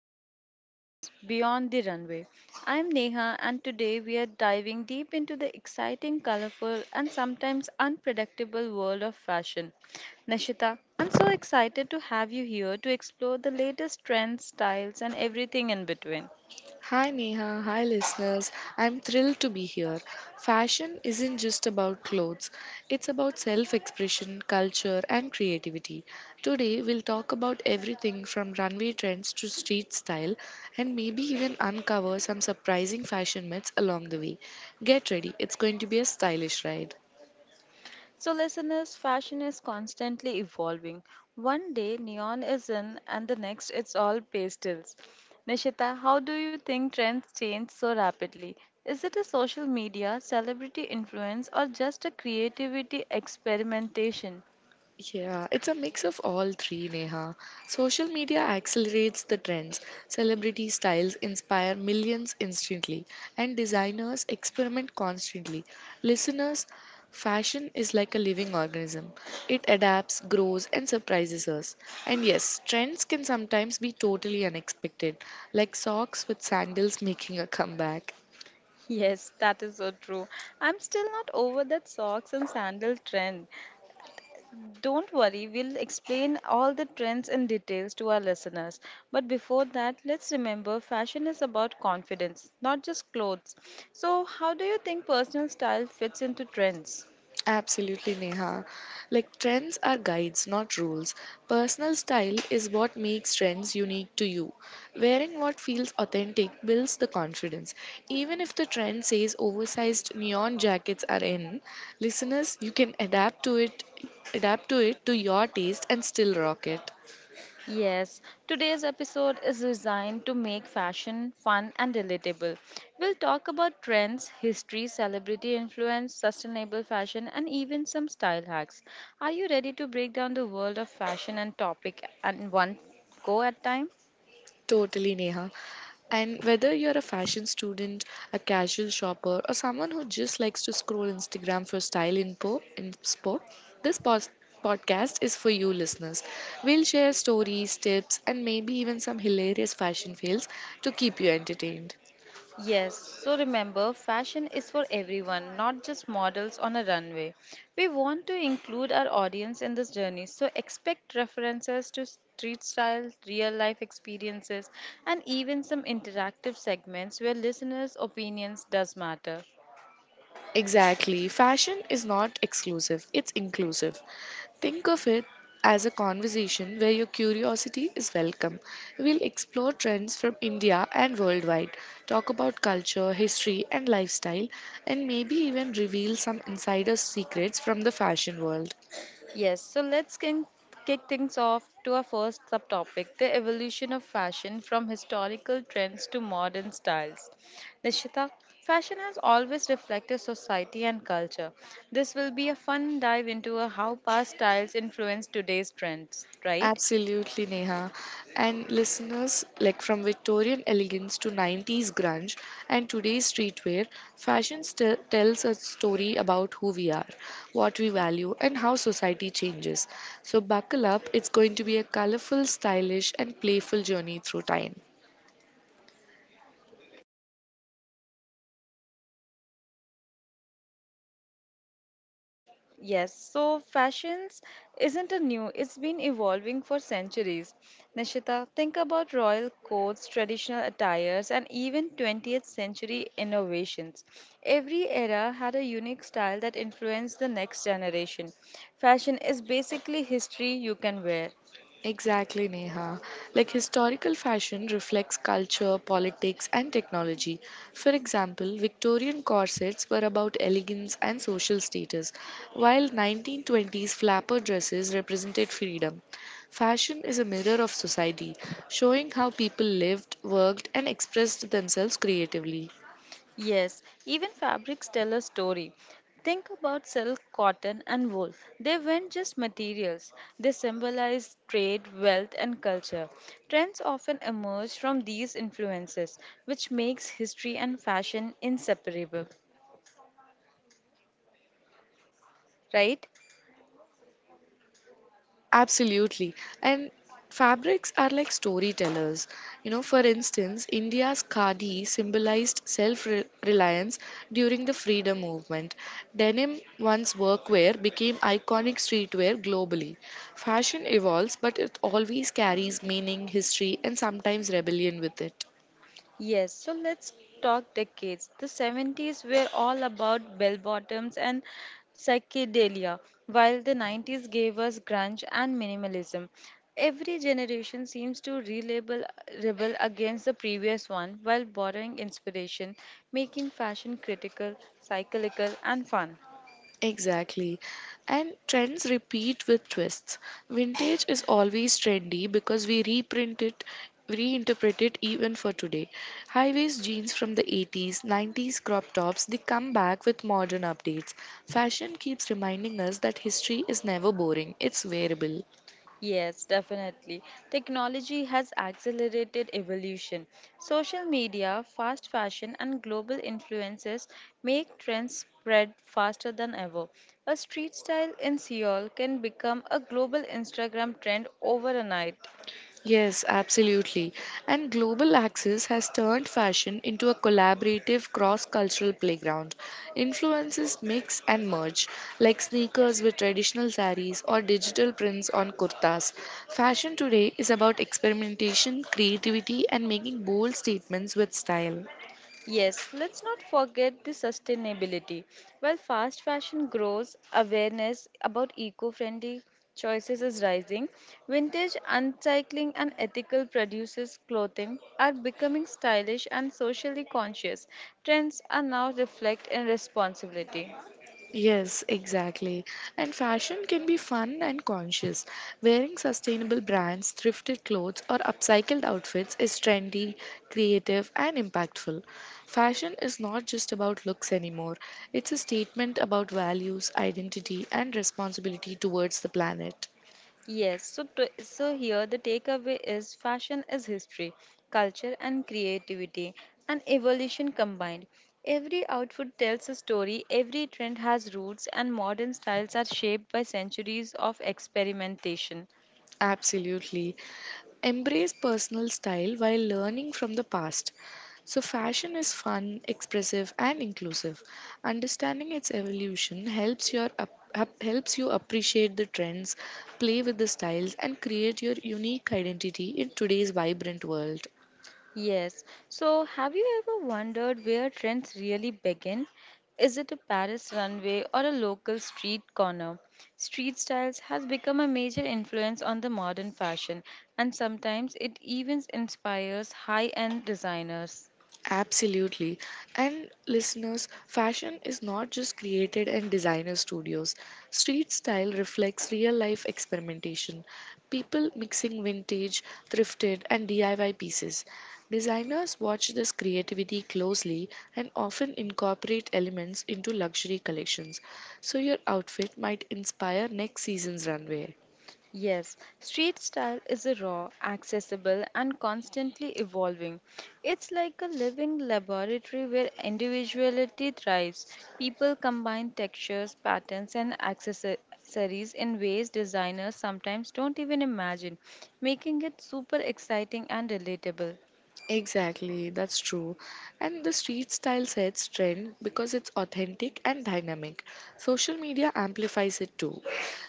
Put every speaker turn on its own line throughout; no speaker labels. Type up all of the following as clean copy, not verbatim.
Fashion and Trends Beyond the Runway. I'm Neha, and today we are diving deep into the exciting, colorful, and sometimes unpredictable world of fashion. Nishita, I'm so excited to have you here to explore the latest trends, styles, and everything in between.
Hi Neha, hi listeners. I'm thrilled to be here. Fashion isn't just about clothes, it's about self expression, culture, and creativity. Today, we'll talk about everything from runway trends to street style and maybe even uncover some surprising fashion myths along the way. Get ready, it's going to be a stylish ride.
So, listeners, fashion is constantly evolving. One day neon is in, and the next it's all pastels. Nishita, how do you think trends change so rapidly? Is it a social media, celebrity influence, or just a creativity experimentation?
Yeah, it's a mix of all three, Neha. Social media accelerates the trends. Celebrity styles inspire millions instantly, and designers experiment constantly. Listeners, fashion is like a living organism. It adapts, grows, and surprises us. And yes, trends can sometimes be totally unexpected, like socks with sandals making a comeback.
Yes, that is so true. I'm still not over that socks and sandal trend. Don't worry, we'll explain all the trends and details to our listeners. But before that, let's remember fashion is about confidence, not just clothes. So, how do you think personal style fits into trends?
Absolutely, Neha. Like trends are guides, not rules. Personal style is what makes trends unique to you. Wearing what feels authentic builds the confidence. Even if the trend says oversized neon jackets are in, listeners, you can adapt to it to your taste and still rock it.
Yes, today's episode is designed to make fashion fun and relatable. We'll talk about trends, history, celebrity influence, sustainable fashion, and even some style hacks. Are you ready to break down the world of fashion and topic and one go at time?
Totally, Neha. And whether you're a fashion student, a casual shopper, or someone who just likes to scroll Instagram for style info, inspo, this podcast is for you, listeners. We'll share stories, tips, and maybe even some hilarious fashion fails to keep you entertained.
Yes, so remember, fashion is for everyone, not just models on a runway. We want to include our audience in this journey, so expect references to street style, real life experiences, and even some interactive segments where listeners' opinions does matter.
Exactly. Fashion is not exclusive, it's inclusive. Think of it as a conversation where your curiosity is welcome. We'll explore trends from India and worldwide, talk about culture, history, and lifestyle, and maybe even reveal some insider secrets from the fashion world.
Yes, so let's kick things off to our first subtopic, the evolution of fashion from historical trends to modern styles. Nishita, fashion has always reflected society and culture. This will be a fun dive into a how past styles influence today's trends, right?
Absolutely, Neha. And listeners, like from Victorian elegance to 90s grunge and today's streetwear, fashion still tells a story about who we are, what we value, and how society changes. So, buckle up, it's going to be a colorful, stylish, and playful journey through time.
Of yes, so fashions isn't a new, it's been evolving for centuries. Nishita, think about royal codes, traditional attires, and even 20th century innovations. Every era had a unique style that influenced the next generation. Fashion is basically history you can wear.
Exactly, Neha. Like historical fashion reflects culture, politics, and technology. For example, Victorian corsets were about elegance and social status, while 1920s flapper dresses represented freedom. Fashion is a mirror of society, showing how people lived, worked, and expressed themselves creatively.
Yes, even fabrics tell a story. Think about silk, cotton, and wool. They weren't just materials, they symbolized trade, wealth, and culture. Trends often emerge from these influences, which makes history and fashion inseparable, right?
Absolutely. And fabrics are like storytellers. You know, for instance, India's khadi symbolized self reliance during the freedom movement. Denim, once workwear, became iconic streetwear globally. Fashion evolves, but it always carries meaning, history, and sometimes rebellion with it.
Yes, so let's talk decades. The seventies were all about bell bottoms and psychedelia, while the nineties gave us grunge and minimalism. Every generation seems to rebel against the previous one while borrowing inspiration, making fashion critical, cyclical, and fun.
Exactly. And trends repeat with twists. Vintage is always trendy because we reprint it, reinterpret it even for today. High waist jeans from the 80s, 90s crop tops, they come back with modern updates. Fashion keeps reminding us that history is never boring, it's wearable.
Yes, definitely. Technology has accelerated evolution. Social media, fast fashion, and global influences make trends spread faster than ever. A street style in Seoul can become a global Instagram trend overnight.
Yes, absolutely. And global access has turned fashion into a collaborative cross cultural playground. Influences mix and merge, like sneakers with traditional saris or digital prints on kurtas. Fashion today is about experimentation, creativity, and making bold statements with style.
Yes, let's not forget the sustainability. While fast fashion grows, awareness about eco friendly choices is rising. Vintage, upcycling, and ethical produces clothing are becoming stylish and socially conscious. Trends are now reflect in responsibility.
Yes, exactly. And fashion can be fun and conscious. Wearing sustainable brands, thrifted clothes, or upcycled outfits is trendy, creative, and impactful. Fashion is not just about looks anymore, it's a statement about values, identity, and responsibility towards the planet.
Yes, so here the takeaway is fashion is history, culture and creativity and evolution combined. Every outfit tells a story, every trend has roots and modern styles are shaped by centuries of experimentation.
Absolutely. Embrace personal style while learning from the past. So, fashion is fun, expressive, and inclusive. Understanding its evolution helps helps you appreciate the trends, play with the styles, and create your unique identity in today's vibrant world.
Yes. So, have you ever wondered where trends really begin? Is it a Paris runway or a local street corner? Street styles has become a major influence on the modern fashion, and sometimes it even inspires high-end designers.
Absolutely. And listeners, fashion is not just created in designer studios. Street style reflects real life experimentation, people mixing vintage, thrifted, and DIY pieces. Designers watch this creativity closely and often incorporate elements into luxury collections, so your outfit might inspire next season's runway.
Yes, street style is a raw, accessible, and constantly evolving. It's like a living laboratory where individuality thrives. People combine textures, patterns, and accessories in ways designers sometimes don't even imagine, making it super exciting and relatable.
Exactly, that's true. And the street style sets trend because it's authentic and dynamic. Social media amplifies it too.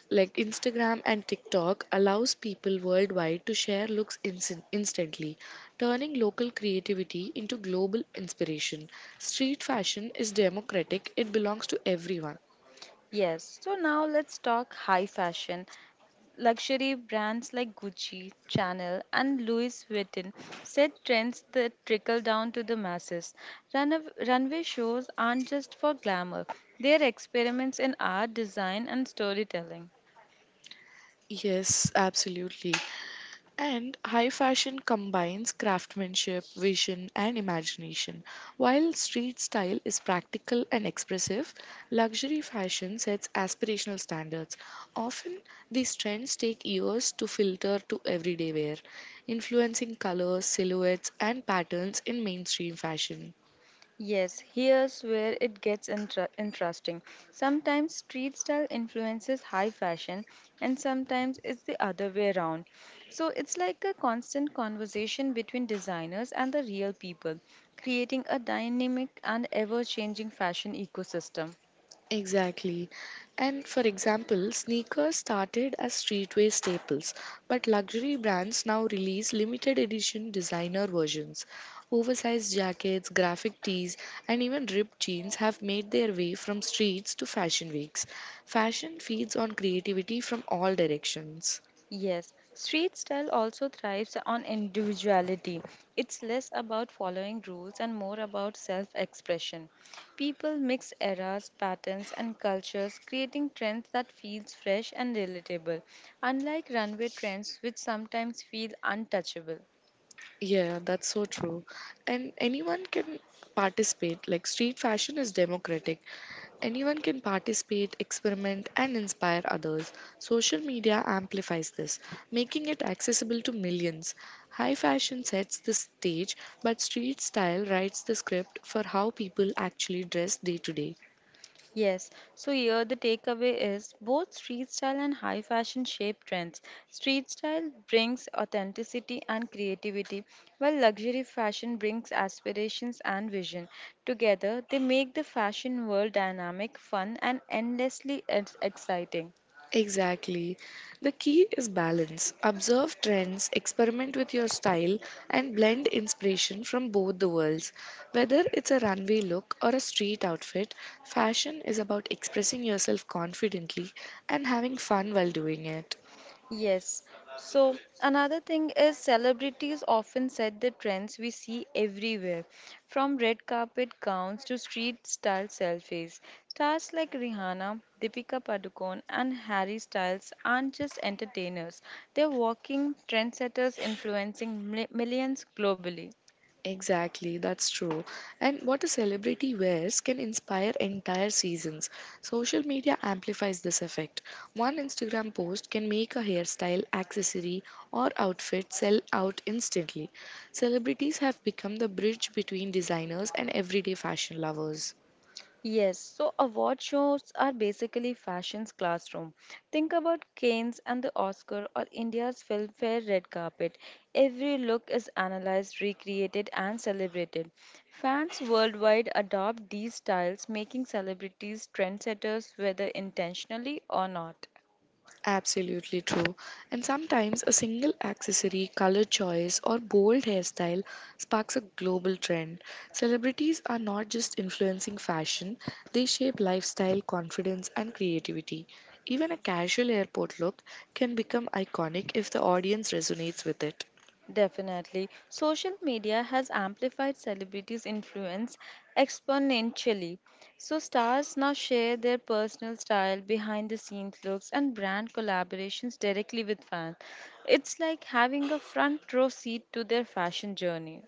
Like Instagram and TikTok allows people worldwide to share looks instantly, turning local creativity into global inspiration. Street fashion is democratic, it belongs to everyone.
Yes, so now let's talk high fashion. Luxury brands like Gucci, Chanel, and Louis Vuitton set trends that trickle down to the masses. Runway shows aren't just for glamour, they are experiments in art, design, and storytelling.
Yes, absolutely. And high fashion combines craftsmanship, vision, and imagination. While street style is practical and expressive, luxury fashion sets aspirational standards. Often, these trends take years to filter to everyday wear, influencing colors, silhouettes, and patterns in mainstream fashion.
Yes, here's where it gets interesting. Sometimes street style influences high fashion, and sometimes it's the other way around. So it's like a constant conversation between designers and the real people, creating a dynamic and ever changing fashion ecosystem.
Exactly. And for example, sneakers started as streetwear staples, but luxury brands now release limited edition designer versions. Oversized jackets, graphic tees, and even ripped jeans have made their way from streets to fashion weeks. Fashion feeds on creativity from all directions.
Yes, street style also thrives on individuality. It's less about following rules and more about self expression. People mix eras, patterns, and cultures, creating trends that feels fresh and relatable, unlike runway trends which sometimes feel untouchable.
Yeah, that's so true. And anyone can participate. Like street fashion is democratic. Anyone can participate, experiment, and inspire others. Social media amplifies this, making it accessible to millions. High fashion sets the stage, but street style writes the script for how people actually dress day to day.
Yes, so here the takeaway is both street style and high fashion shape trends. Street style brings authenticity and creativity, while luxury fashion brings aspirations and vision. Together, they make the fashion world dynamic, fun, and endlessly exciting.
Exactly. The key is balance. Observe trends, experiment with your style, and blend inspiration from both the worlds. Whether it's a runway look or a street outfit, fashion is about expressing yourself confidently and having fun while doing it.
Yes. So another thing is celebrities often set the trends we see everywhere, from red carpet gowns to street style selfies. Stars like Rihanna, Deepika Padukone, and Harry Styles aren't just entertainers; they're walking trendsetters influencing millions globally.
Exactly, that's true. And what a celebrity wears can inspire entire seasons. Social media amplifies this effect. One Instagram post can make a hairstyle, accessory, or outfit sell out instantly. Celebrities have become the bridge between designers and everyday fashion lovers.
Yes, so award shows are basically fashion's classroom. Think about Cannes and the Oscar or India's Filmfare red carpet. Every look is analyzed, recreated, and celebrated. Fans worldwide adopt these styles, making celebrities trendsetters whether intentionally or not.
Absolutely true. And sometimes a single accessory, color choice, or bold hairstyle sparks a global trend. Celebrities are not just influencing fashion, they shape lifestyle, confidence, and creativity. Even a casual airport look can become iconic if the audience resonates with it.
Definitely. Social media has amplified celebrities' influence exponentially. So, stars now share their personal style, behind the scenes looks, and brand collaborations directly with fans. It's like having a front row seat to their fashion journey.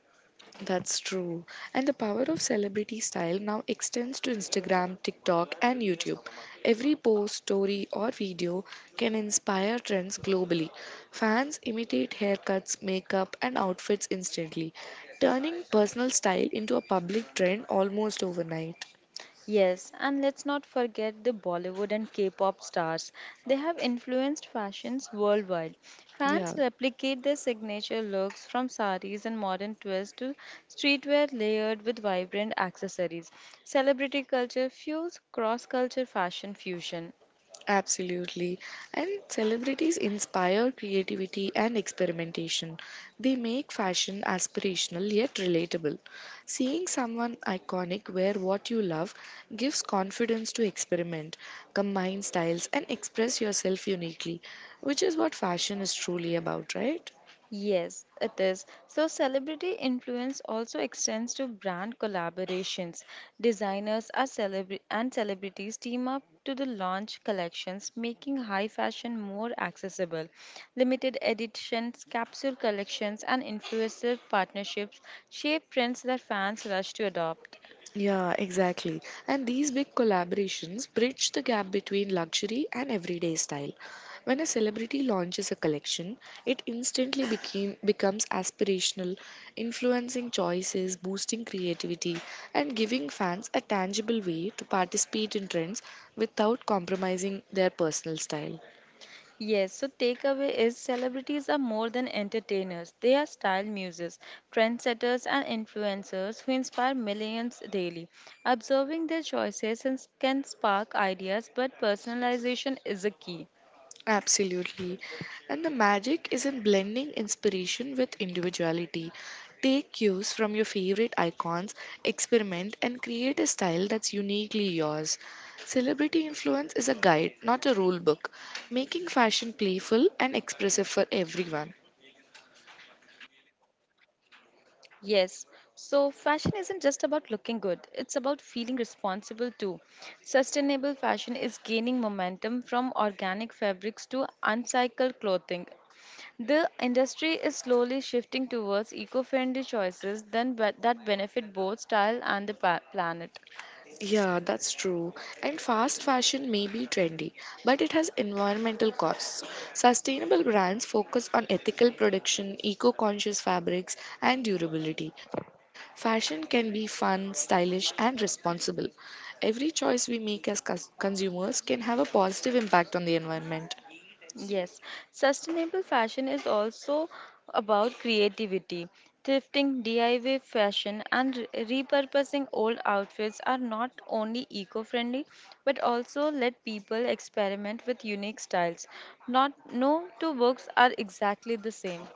That's true. And the power of celebrity style now extends to Instagram, TikTok, and YouTube. Every post, story, or video can inspire trends globally. Fans imitate haircuts, makeup, and outfits instantly, turning personal style into a public trend almost overnight.
Yes, and let's not forget the Bollywood and K pop stars. They have influenced fashions worldwide. Fans
Yeah.
replicate their signature looks from saris and modern twists to streetwear layered with vibrant accessories. Celebrity culture fuels cross culture fashion fusion.
Absolutely. And celebrities inspire creativity and experimentation. They make fashion aspirational yet relatable. Seeing someone iconic wear what you love gives confidence to experiment, combine styles, and express yourself uniquely, which is what fashion is truly about, right?
Yes, it is. So, celebrity influence also extends to brand collaborations. And celebrities team up to the launch collections, making high fashion more accessible. Limited editions, capsule collections, and influencer partnerships shape trends that fans rush to adopt.
Yeah, exactly. And these big collaborations bridge the gap between luxury and everyday style. When a celebrity launches a collection, it becomes aspirational, influencing choices, boosting creativity, and giving fans a tangible way to participate in trends without compromising their personal style.
Yes, so takeaway is celebrities are more than entertainers. They are style muses, trendsetters, and influencers who inspire millions daily. Observing their can spark ideas, but personalization is a key.
Absolutely. And the magic is in blending inspiration with individuality. Take cues from your favorite icons, experiment, and create a style that's uniquely yours. Celebrity influence is a guide, not a rule book, making fashion playful and expressive for everyone.
Yes, so fashion isn't just about looking good, it's about feeling responsible too. Sustainable fashion is gaining momentum from organic fabrics to uncycled clothing. The industry is slowly shifting towards eco-friendly choices that benefit both style and the planet.
Yeah, that's true. And fast fashion may be trendy, but it has environmental costs. Sustainable brands focus on ethical production, eco conscious fabrics, and durability. Fashion can be fun, stylish, and responsible. Every choice we make as consumers can have a positive impact on the environment.
Yes, sustainable fashion is also about creativity. Thrifting, DIY fashion, and repurposing old outfits are not only eco-friendly but also let people experiment with unique styles. Not no two books are exactly the same.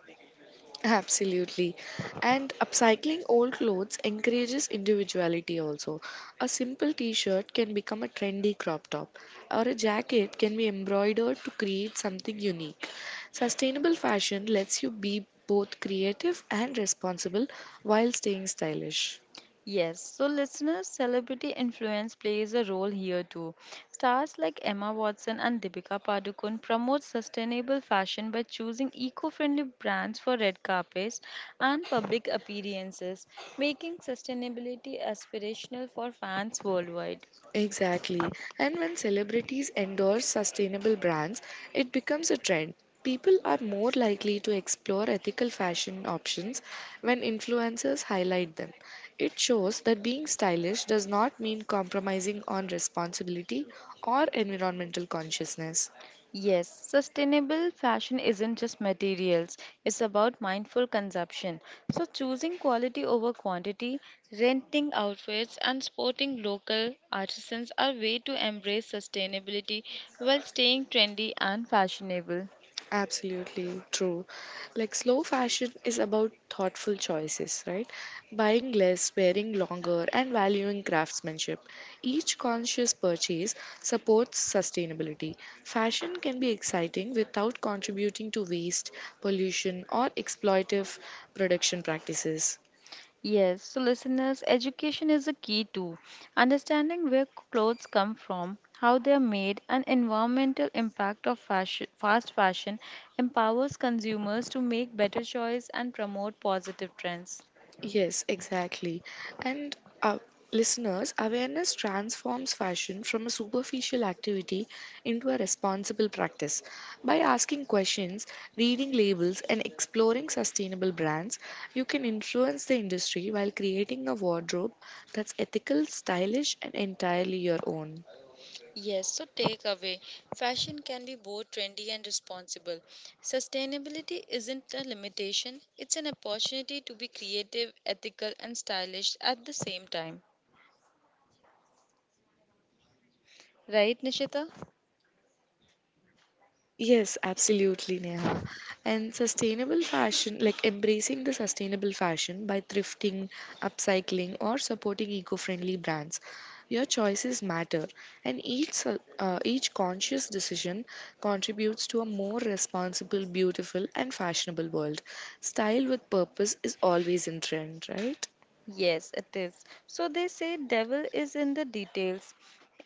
Absolutely. And upcycling old clothes encourages individuality also. A simple t shirt can become a trendy crop top, or a jacket can be embroidered to create something unique. Sustainable fashion lets you be both creative and responsible while staying stylish.
Yes, so listeners, celebrity influence plays a role here too. Stars like Emma Watson and Deepika Padukone promote sustainable fashion by choosing eco-friendly brands for red carpets and public appearances, making sustainability aspirational for fans worldwide.
Exactly. And when celebrities endorse sustainable brands, it becomes a trend. People are more likely to explore ethical fashion options when influencers highlight them. It shows that being stylish does not mean compromising on responsibility or environmental consciousness.
Yes, sustainable fashion isn't just materials, it's about mindful consumption. So, choosing quality over quantity, renting outfits, and sporting local artisans are ways to embrace sustainability while staying trendy and fashionable.
Absolutely true. Like slow fashion is about thoughtful choices, right? Buying less, wearing longer, and valuing craftsmanship. Each conscious purchase supports sustainability. Fashion can be exciting without contributing to waste, pollution, or exploitive production practices.
Yes, so listeners, education is a key too. Understanding where clothes come from, how they are made, and environmental impact of fast fashion empowers consumers to make better choice and promote positive trends.
Yes, exactly. And uh, listeners, awareness transforms fashion from a superficial activity into a responsible practice. By asking questions, reading labels, and exploring sustainable brands, you can influence the industry while creating a wardrobe that's ethical, stylish, and entirely your own.
Yes, so takeaway, fashion can be both trendy and responsible. Sustainability isn't a limitation, it's an opportunity to be creative, ethical, and stylish at the same time. Right, Nishita?
Yes, absolutely, Neha. And sustainable fashion, like embracing the sustainable fashion by thrifting, upcycling, or supporting eco-friendly brands. Your choices matter, and each conscious decision contributes to a more responsible, beautiful, and fashionable world. Style with purpose is always in trend, right?
Yes, it is. So they say devil is in the details.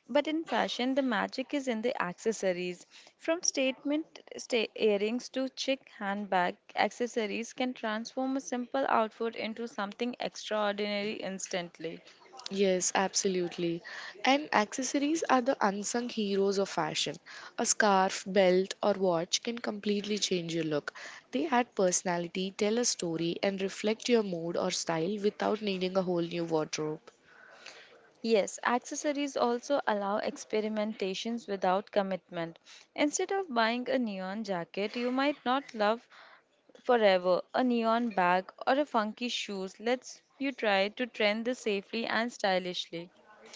But in fashion, the magic is in the accessories. From earrings to chic handbag, accessories can transform a simple outfit into something extraordinary instantly.
Yes, absolutely. And accessories are the unsung heroes of fashion. A scarf, belt, or watch can completely change your look. They add personality, tell a story, and reflect your mood or style without needing a whole new wardrobe.
Yes, accessories also allow experimentations without commitment. Instead of buying a neon jacket you might not love, forever a neon bag or a funky shoes lets you try to trend this safely and stylishly.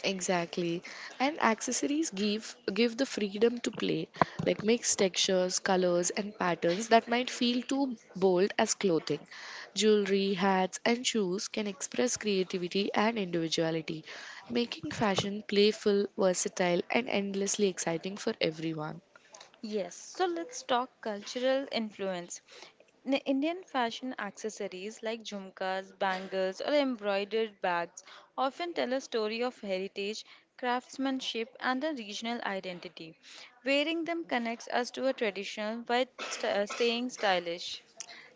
Exactly. And accessories give the freedom to play, like mix textures, colors and patterns that might feel too bold as clothing. Jewelry, hats and shoes can express creativity and individuality, making fashion playful, versatile and endlessly exciting for everyone.
Yes, so let's talk cultural influence in Indian fashion. Accessories like jhumkas, bangles, or embroidered bags often tell a story of heritage, craftsmanship, and a regional identity. Wearing them connects us to a traditional by staying stylish.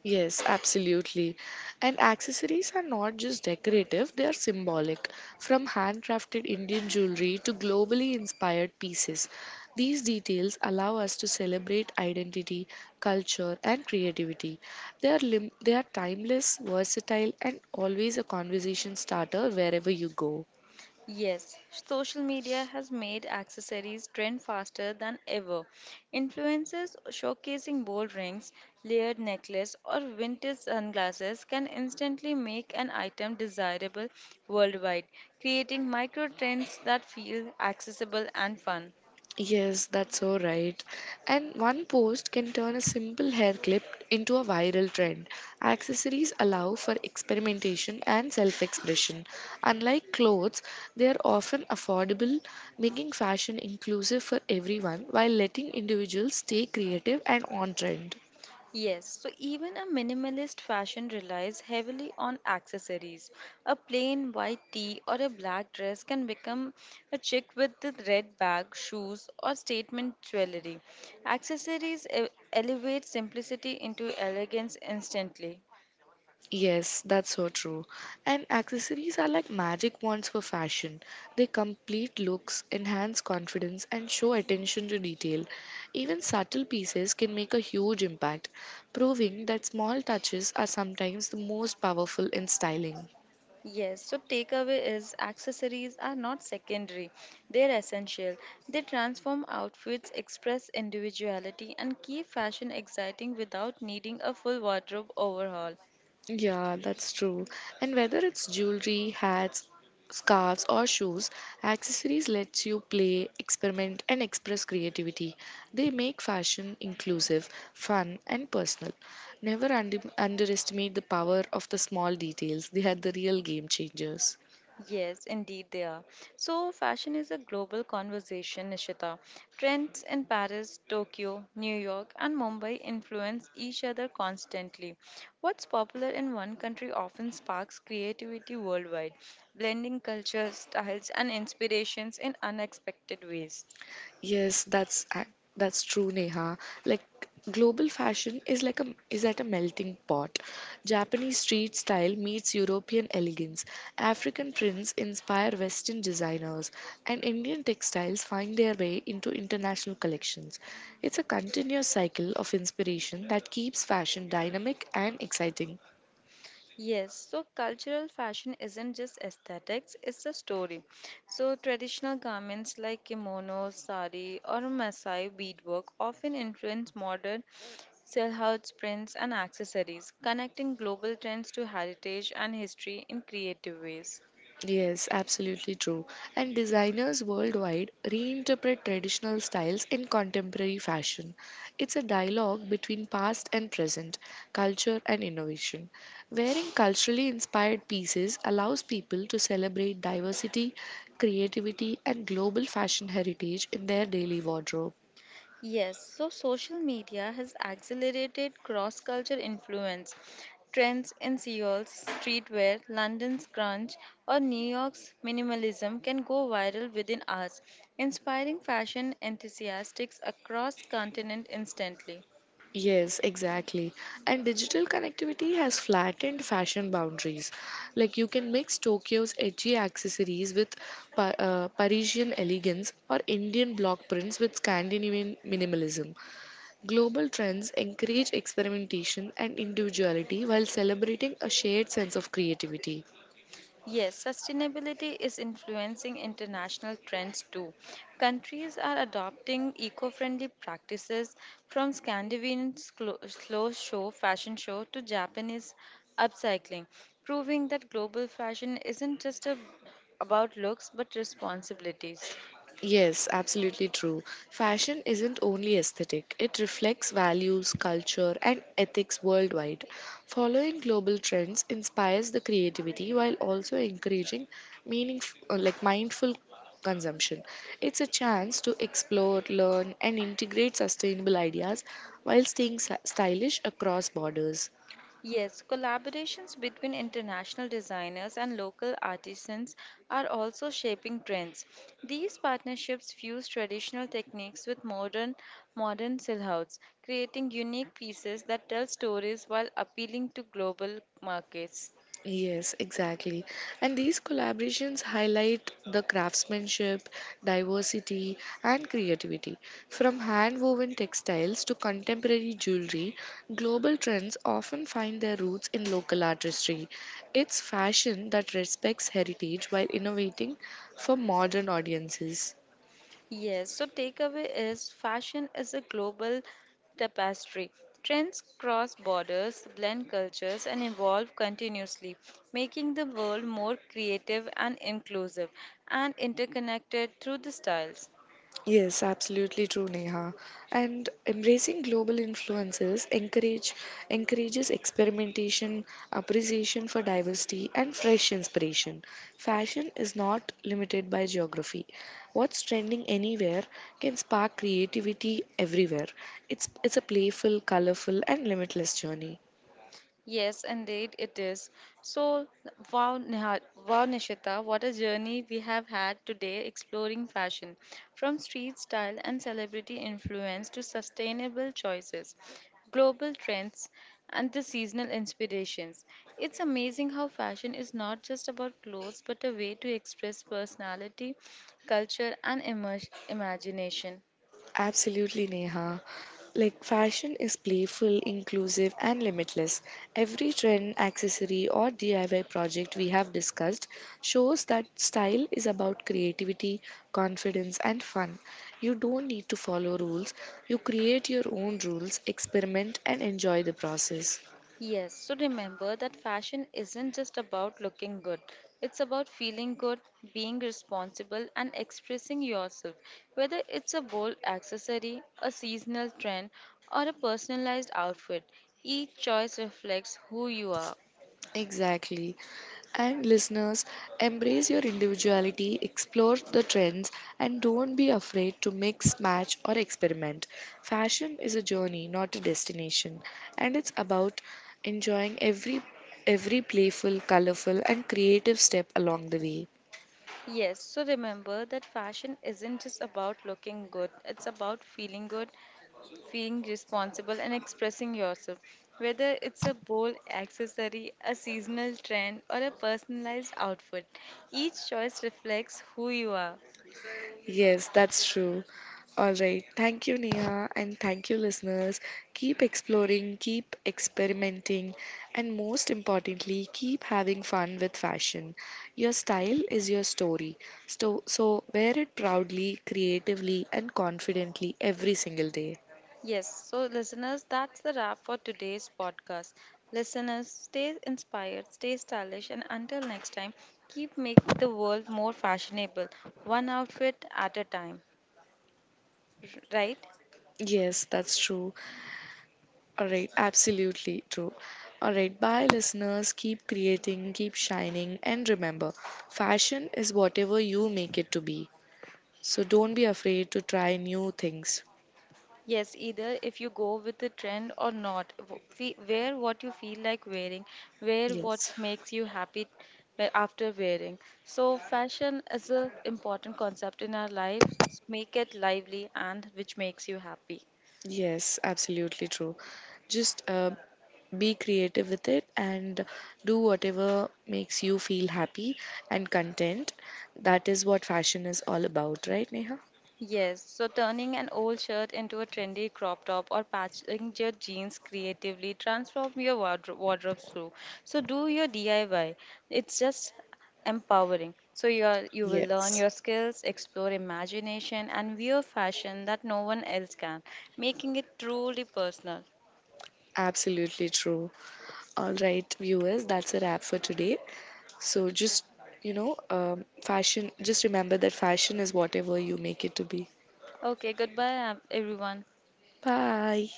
Yes, absolutely. And accessories are not just decorative, they are symbolic. From handcrafted Indian jewelry to globally inspired pieces, these details allow us to celebrate identity, culture, and creativity. They are timeless, versatile, and always a conversation starter wherever you go.
Yes, social media has made accessories trend faster than ever. Influencers showcasing bold rings, layered necklace, or vintage sunglasses can instantly make an item desirable worldwide, creating micro trends that feel accessible and fun.
Yes, that's so right. And one post can turn a simple hair clip into a viral trend. Accessories allow for experimentation and self expression. Unlike clothes, they are often affordable, making fashion inclusive for everyone while letting individuals stay creative and on trend.
Yes, so even a minimalist fashion relies heavily on accessories. A plain white tee or a black dress can become a chic with the red bag, shoes, or statement jewelry. Accessories elevate simplicity into elegance instantly.
Yes, that's so true. And accessories are like magic wands for fashion. They complete looks, enhance confidence, and show attention to detail. Even subtle pieces can make a huge impact, proving that small touches are sometimes the most powerful in styling.
Yes, so takeaway is accessories are not secondary, they're essential. They transform outfits, express individuality, and keep fashion exciting without needing a full wardrobe overhaul.
Yeah, that's true. And whether it's jewelry, hats, scarves, or shoes, accessories lets you play, experiment, and express creativity. They make fashion inclusive, fun, and personal. Never underestimate the power of the small details. They are the real game changers.
Yes, indeed they are. So, fashion is a global conversation, Nishita. Trends in Paris, Tokyo, New York, and Mumbai influence each other constantly. What's popular in one country often sparks creativity worldwide, blending cultures, styles, and inspirations in unexpected ways.
Yes, that's true, Neha. Like global fashion is like a is at a melting pot. Japanese street style meets European elegance. African prints inspire Western designers, and Indian textiles find their way into international collections. It's a continuous cycle of inspiration that keeps fashion dynamic and exciting.
Yes, so cultural fashion isn't just aesthetics, it's a story. So, traditional garments like kimonos, sari, or Masai beadwork often influence modern silhouettes, prints, and accessories, connecting global trends to heritage and history in creative ways.
Yes, absolutely true. And designers worldwide reinterpret traditional styles in contemporary fashion. It's a dialogue between past and present, culture and innovation. Wearing culturally inspired pieces allows people to celebrate diversity, creativity, and global fashion heritage in their daily wardrobe.
Yes, so social media has accelerated cross culture influence. Trends in Seoul's streetwear, London's grunge, or New York's minimalism can go viral within hours, inspiring fashion enthusiasts across continent instantly.
Yes, exactly. And digital connectivity has flattened fashion boundaries. Like you can mix Tokyo's edgy accessories with Parisian elegance or Indian block prints with Scandinavian minimalism. Global trends encourage experimentation and individuality while celebrating a shared sense of creativity.
Yes, sustainability is influencing international trends too. Countries are adopting eco friendly practices from Scandinavian slow show fashion show to Japanese upcycling, proving that global fashion isn't about looks but responsibilities.
Yes, absolutely true. Fashion isn't only aesthetic, it reflects values, culture, and ethics worldwide. Following global trends inspires the creativity while also encouraging meaning like mindful consumption. It's a chance to explore, learn, and integrate sustainable ideas while staying stylish across borders.
Yes, collaborations between international designers and local artisans are also shaping trends. These partnerships fuse traditional techniques with modern silhouettes, creating unique pieces that tell stories while appealing to global markets.
Yes, exactly. And these collaborations highlight the craftsmanship, diversity, and creativity. From hand woven textiles to contemporary jewelry, global trends often find their roots in local artistry. It's fashion that respects heritage while innovating for modern audiences.
Yes, so takeaway is fashion is a global tapestry. Trends cross borders, blend cultures, and evolve continuously, making the world more creative and inclusive and interconnected through the styles.
Yes, absolutely true, Neha. And embracing global influences encourages experimentation, appreciation for diversity, and fresh inspiration. Fashion is not limited by geography. What's trending anywhere can spark creativity everywhere. It's a playful, colorful, and limitless journey.
Yes, indeed it is. So, wow, neha, wow, Nishita, what a journey we have had today exploring fashion, from street style and celebrity influence to sustainable choices, global trends, and the seasonal inspirations. It's amazing how fashion is not just about clothes but a way to express personality, culture, and imagination.
Absolutely, Neha. Like, fashion is playful, inclusive, and limitless. Every trend, accessory, or DIY project we have discussed shows that style is about creativity, confidence, and fun. You don't need to follow rules, you create your own rules, experiment, and enjoy the process.
Yes, so remember that fashion isn't just about looking good. It's about feeling good, being responsible, and expressing yourself. Whether it's a bold accessory, a seasonal trend, or a personalized outfit, each choice reflects who you are.
Exactly. And listeners, embrace your individuality, explore the trends, and don't be afraid to mix, match, or experiment. Fashion is a journey, not a destination, and it's about enjoying every playful, colorful, and creative step along the way.
Yes, so remember that fashion isn't just about looking good, it's about feeling good, feeling responsible and expressing yourself. Whether it's a bold accessory, a seasonal trend, or a personalized outfit, each choice reflects who you are.
Yes, that's true. All right. Thank you, Neha, and thank you, listeners. Keep exploring, keep experimenting, and most importantly, keep having fun with fashion. Your style is your story. So wear it proudly, creatively, and confidently every single day.
Yes, so listeners, that's the wrap for today's podcast. Listeners, stay inspired, stay stylish, and until next time, keep making the world more fashionable, one outfit at a time. Right?
Yes, that's true. All right, absolutely true. All right, bye, listeners. Keep creating, keep shining, and remember fashion is whatever you make it to be. So don't be afraid to try new things.
Yes, either if you go with the trend or not. Wear what you feel like wearing, wear
Yes.
what makes you happy after wearing. So, fashion is an important concept in our lives. Make it lively and which makes you happy.
Yes, absolutely true. Just be creative with it and do whatever makes you feel happy and content. That is what fashion is all about, right, Neha?
Yes, so turning an old shirt into a trendy crop top or patching your jeans creatively, transform your wardrobe through. So do your DIY. It's just empowering. You will learn
Yes,
your skills, explore imagination, and wear fashion that no one else can, making it truly personal.
absolutely true. All right, viewers, that's a wrap for today. So fashion, just remember that fashion is whatever you make it to be.
Okay, goodbye, everyone.
Bye.